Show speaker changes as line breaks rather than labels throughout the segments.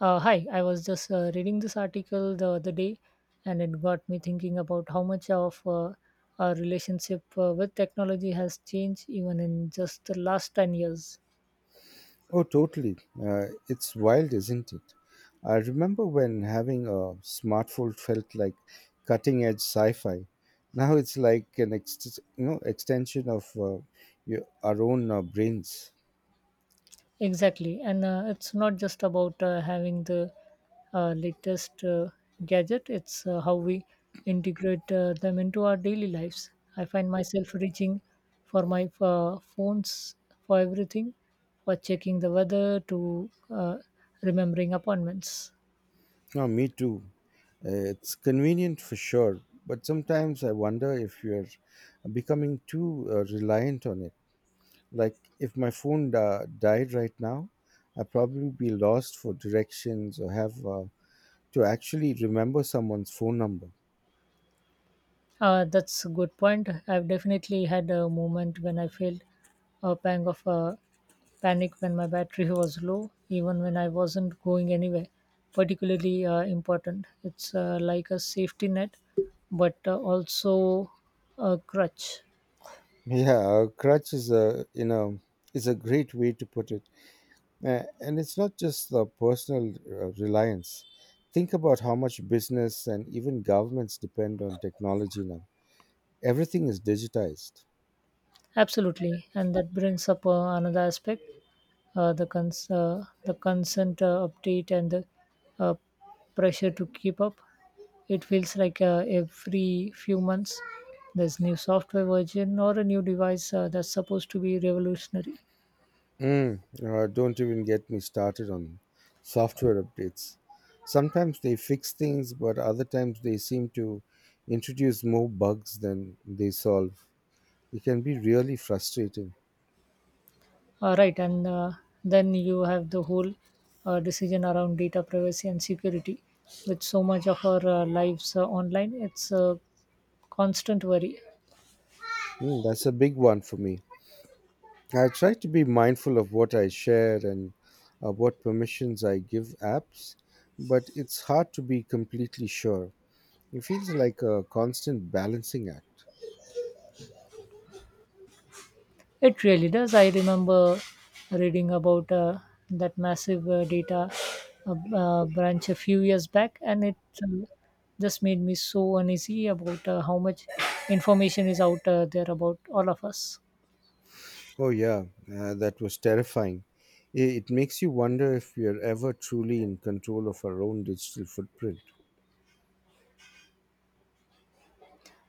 I was just reading this article the other day, and it got me thinking about how much of our relationship with technology has changed even in just the last 10 years.
Oh, totally. It's wild, isn't it? I remember when having a smartphone felt like cutting edge sci-fi. Now it's like an extension of our own brains.
Exactly, and it's not just about having the latest gadget, it's how we integrate them into our daily lives. I find myself reaching for my phones for everything, for checking the weather to remembering appointments.
No, me too. It's convenient for sure, but sometimes I wonder if you're becoming too reliant on it. Like if my died right now, I'd probably be lost for directions or have to actually remember someone's phone number.
That's a good point. I've definitely had a moment when I felt a pang of panic when my battery was low, even when I wasn't going anywhere particularly important. It's like a safety net, but also a crutch.
Yeah, a crutch is a you know is a great way to put it. And it's not just the personal reliance. Think about how much business and even governments depend on technology now. Everything is digitized.
Absolutely, and that brings up another aspect: the consent update and the uh, pressure to keep up. It feels like every few months there's new software version or a new device that's supposed to be revolutionary.
Mm. Don't even get me started on software updates. Sometimes they fix things, but other times they seem to introduce more bugs than they solve. It can be really frustrating.
All right, and then you have the whole decision around data privacy and security. With so much of our lives online, it's a constant worry.
Mm, that's a big one for me. I try to be mindful of what I share and what permissions I give apps, but it's hard to be completely sure. It feels like a constant balancing act.
It really does. I remember reading about that massive data branch a few years back, and it uh, just made me so uneasy about how much information is out there about all of us.
Oh, yeah, that was terrifying. It makes you wonder if we are ever truly in control of our own digital footprint.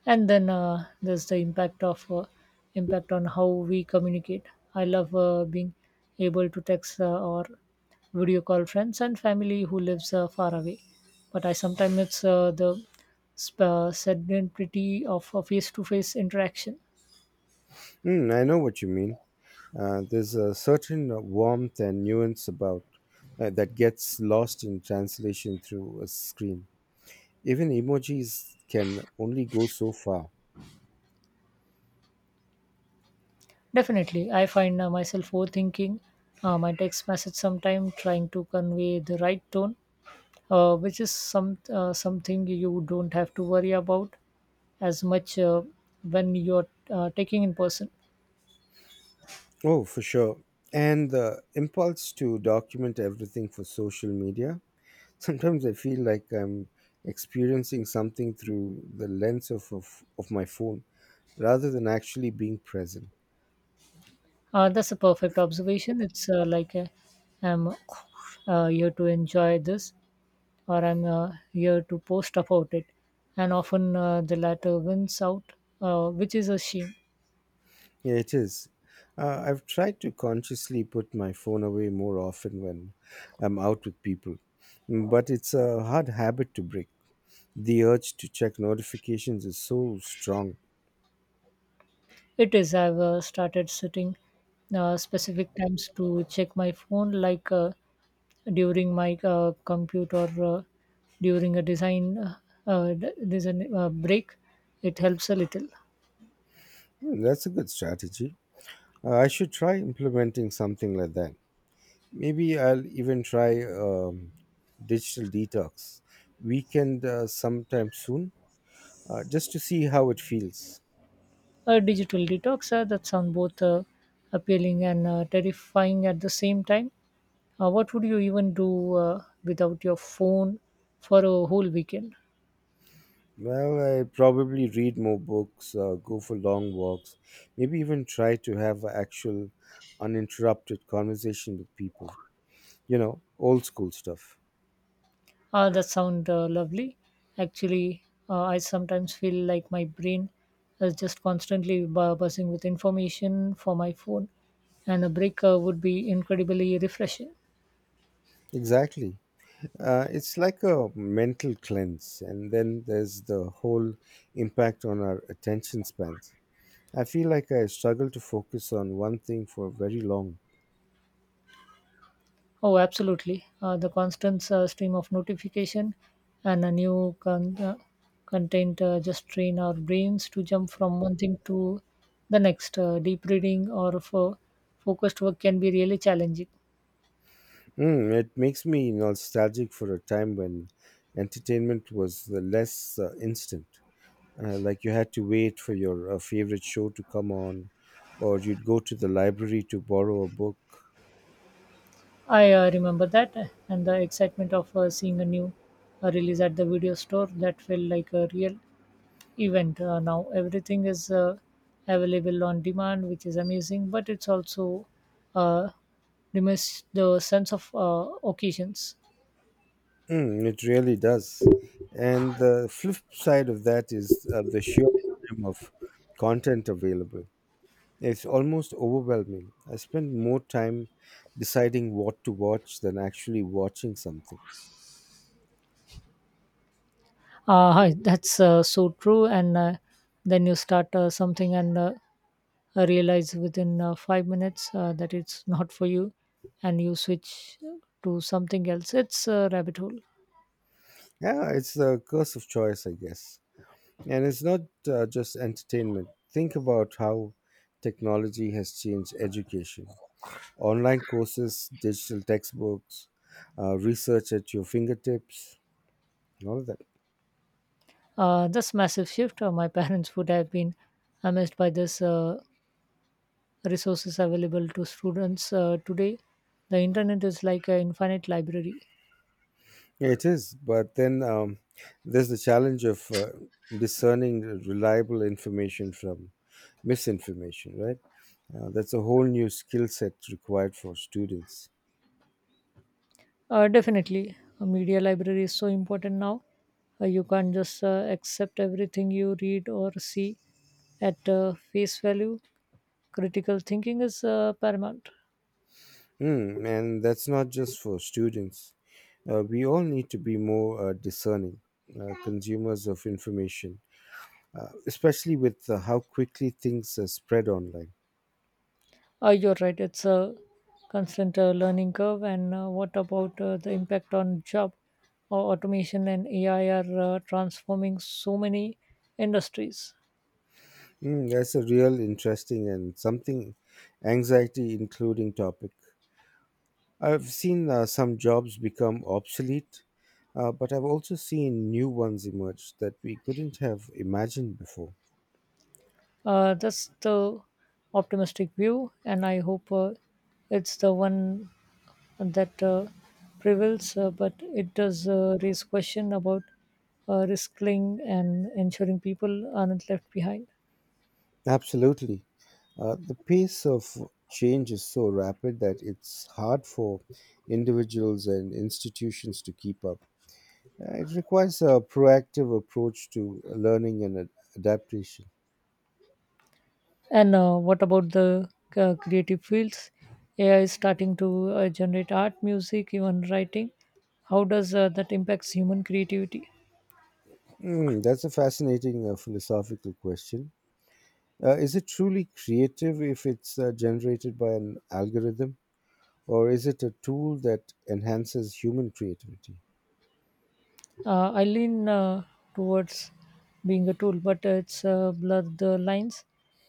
And then there's the impact of impact on how we communicate. I love being able to text or video call friends and family who lives far away, but I sometimes it's sedentary of a face-to-face interaction.
Mm, I know what you mean. There's a certain warmth and nuance about that gets lost in translation through a screen. Even emojis can only go so far.
Definitely, I find myself overthinking my text message sometime, trying to convey the right tone, which is something you don't have to worry about as much when you're taking in person.
Oh, for sure. And the impulse to document everything for social media. Sometimes I feel like I'm experiencing something through the lens of my phone rather than actually being present.
That's a perfect observation. It's I'm here to enjoy this, or I'm here to post about it. And often the latter wins out, which is a shame.
Yeah, it is. I've tried to consciously put my phone away more often when I'm out with people. Mm. But it's a hard habit to break. The urge to check notifications is so strong.
It is. I've started sitting specific times to check my phone, like during my uh, computer, uh, during a design design break. It helps a little.
Hmm, that's a good strategy. I should try implementing something like that. Maybe I'll even try digital detox weekend sometime soon, just to see how it feels.
A digital detox, that sounds both appealing and terrifying at the same time. What would you even do without your phone for a whole weekend?
Well, I probably read more books, go for long walks, maybe even try to have actual uninterrupted conversation with people. You know, old school stuff.
Ah, that sounds lovely. Actually, I sometimes feel like my brain is just constantly buzzing with information for my phone, and a break would be incredibly refreshing.
Exactly. It's like a mental cleanse, and then there's the whole impact on our attention spans. I feel like I struggle to focus on one thing for very long.
Oh, absolutely. The constant stream of notification and a new content just train our brains to jump from one thing to the next. Deep reading or focused work can be really challenging.
Mm, it makes me nostalgic for a time when entertainment was the less instant. Like you had to wait for your favorite show to come on, or you'd go to the library to borrow a book.
I remember that, and the excitement of seeing a new release at the video store that felt like a real event. Now everything is available on demand, which is amazing, but it's also uh, diminished the sense of occasions.
Mm, it really does. And the flip side of that is the sheer volume of content available. It's almost overwhelming. I spend more time deciding what to watch than actually watching something.
Hi, that's so true. And then you start something and realize within 5 minutes that it's not for you, and you switch to something else. It's a rabbit hole.
Yeah, it's the curse of choice, I guess. And it's not just entertainment. Think about how technology has changed education. Online courses, digital textbooks, research at your fingertips, all of that.
This massive shift. My parents would have been amazed by this. Resources available to students today, the internet is like an infinite library.
Yeah, it is. But then there's the challenge of discerning reliable information from misinformation, right? That's a whole new skill set required for students.
Uh, definitely, a media library is so important now. You can't just accept everything you read or see at face value. Critical thinking is paramount.
Mm, and that's not just for students. We all need to be more discerning consumers of information, especially with how quickly things are spread online.
You're right, it's a constant learning curve. And what about the impact on job or automation, and AI are transforming so many industries.
Mm, that's a real interesting and something anxiety including topic. I've seen some jobs become obsolete, but I've also seen new ones emerge that we couldn't have imagined before.
That's the optimistic view, and I hope it's the one that prevails. But it does raise question about risking and ensuring people aren't left behind.
Absolutely. The pace of change is so rapid that it's hard for individuals and institutions to keep up. It requires a proactive approach to learning and adaptation.
And what about the creative fields? AI is starting to generate art, music, even writing. How does that impacts human creativity?
Hmm, that's a fascinating philosophical question. Is it truly creative if it's generated by an algorithm? Or is it a tool that enhances human creativity?
I lean towards being a tool, but it's blurred the lines,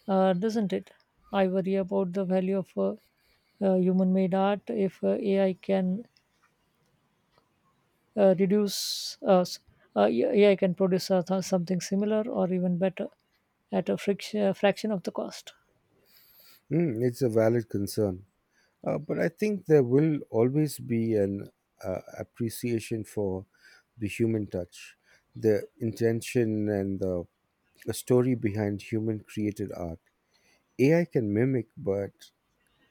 doesn't it? I worry about the value of human-made art if AI can reduce us. AI can produce something similar or even better at a fraction of the cost.
Mm, it's a valid concern. But I think there will always be an appreciation for the human touch, the intention, and the story behind human created art. AI can mimic, but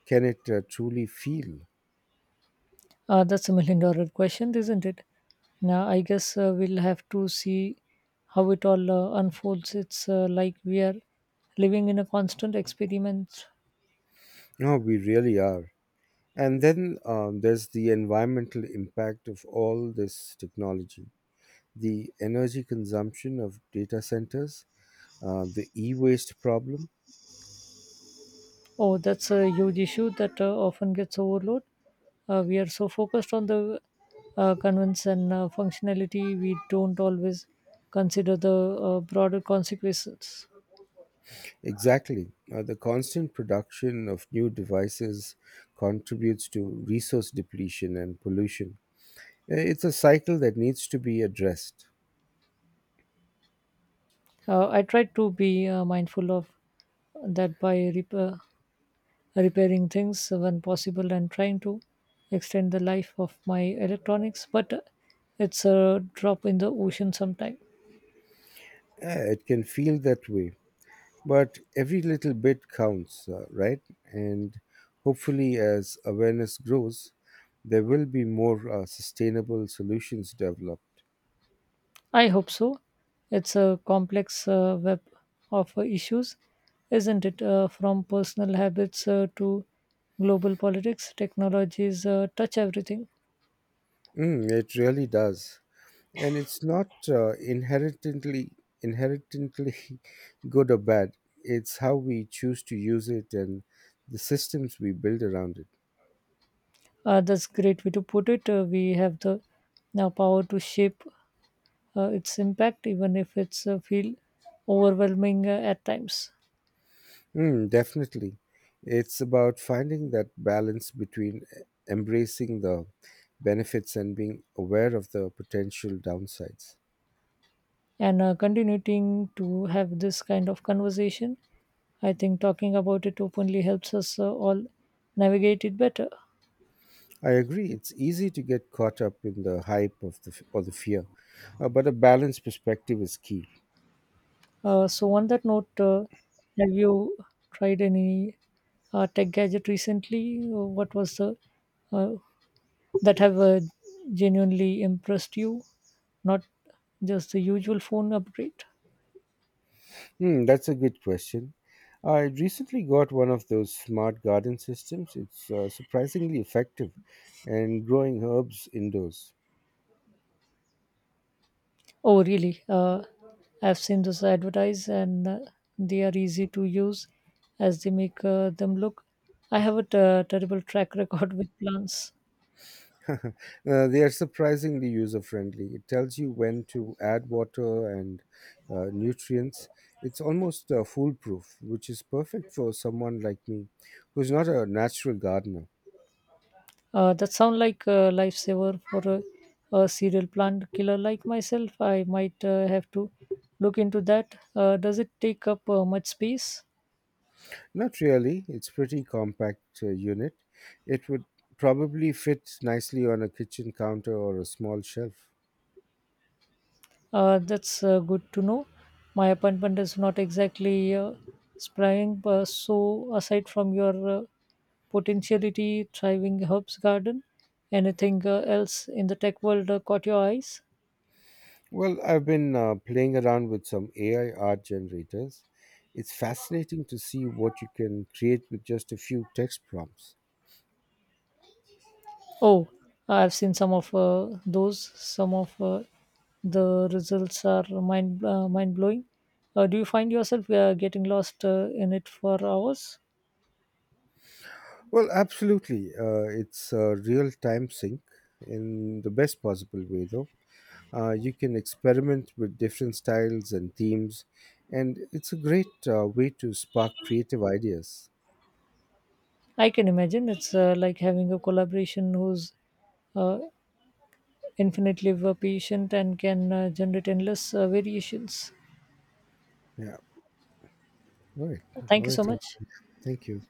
can it truly feel?
That's a $1 million question, isn't it? Now, I guess we'll have to see how it all unfolds. It's like we are living in a constant experiment.
No, we really are. And then there's the environmental impact of all this technology, the energy consumption of data centers, the e waste problem?
Oh, that's a huge issue that often gets overloaded. We are so focused on the convenience and functionality, we don't always consider the broader consequences.
Exactly. The constant production of new devices contributes to resource depletion and pollution. It's a cycle that needs to be addressed.
I try to be mindful of that by repairing things when possible and trying to extend the life of my electronics, but it's a drop in the ocean sometime.
Yeah, it can feel that way, but every little bit counts, right? And hopefully, as awareness grows, there will be more sustainable solutions developed.
I hope so. It's a complex web of issues, isn't it? From personal habits to global politics, technologies touch everything.
Mm, it really does. And it's not inherently good or bad. It's how we choose to use it and the systems we build around it.
Uh, that's a great way to put it. We have the now power to shape its impact, even if it's feel overwhelming at times.
Mm, definitely. It's about finding that balance between embracing the benefits and being aware of the potential downsides.
And continuing to have this kind of conversation. I think talking about it openly helps us all navigate it better.
I agree. It's easy to get caught up in the hype of the f- or the fear, but a balanced perspective is key.
So, on that note, have you tried any tech gadget recently? What was the uh, that have genuinely impressed you? Not just the usual phone upgrade.
Hmm, that's a good question. I recently got one of those smart garden systems. It's surprisingly effective and growing herbs indoors.
Oh, really? I've seen those advertise, and they are easy to use as they make them look. I have a terrible track record with plants.
They are surprisingly user friendly. It tells you when to add water and nutrients. It's almost foolproof, which is perfect for someone like me who's not a natural gardener.
That sound like a lifesaver for a serial plant killer like myself. I might have to look into that. Does it take up much space?
Not really. It's pretty compact unit. It would probably fit nicely on a kitchen counter or a small shelf.
That's good to know. My appointment is not exactly spring, but so aside from your potentiality thriving herbs garden, anything else in the tech world caught your eyes?
Well, I've been playing around with some AI art generators. It's fascinating to see what you can create with just a few text prompts.
Oh, I've seen some of those. Some of the results are mind blowing. Do you find yourself getting lost in it for hours?
Well, absolutely. It's a real time sync in the best possible way, though. You can experiment with different styles and themes, and it's a great way to spark creative ideas.
I can imagine it's like having a collaboration whose uh, infinitely patient and can generate endless variations.
Yeah. All right. All
Thank you so
right.
much.
Thank you.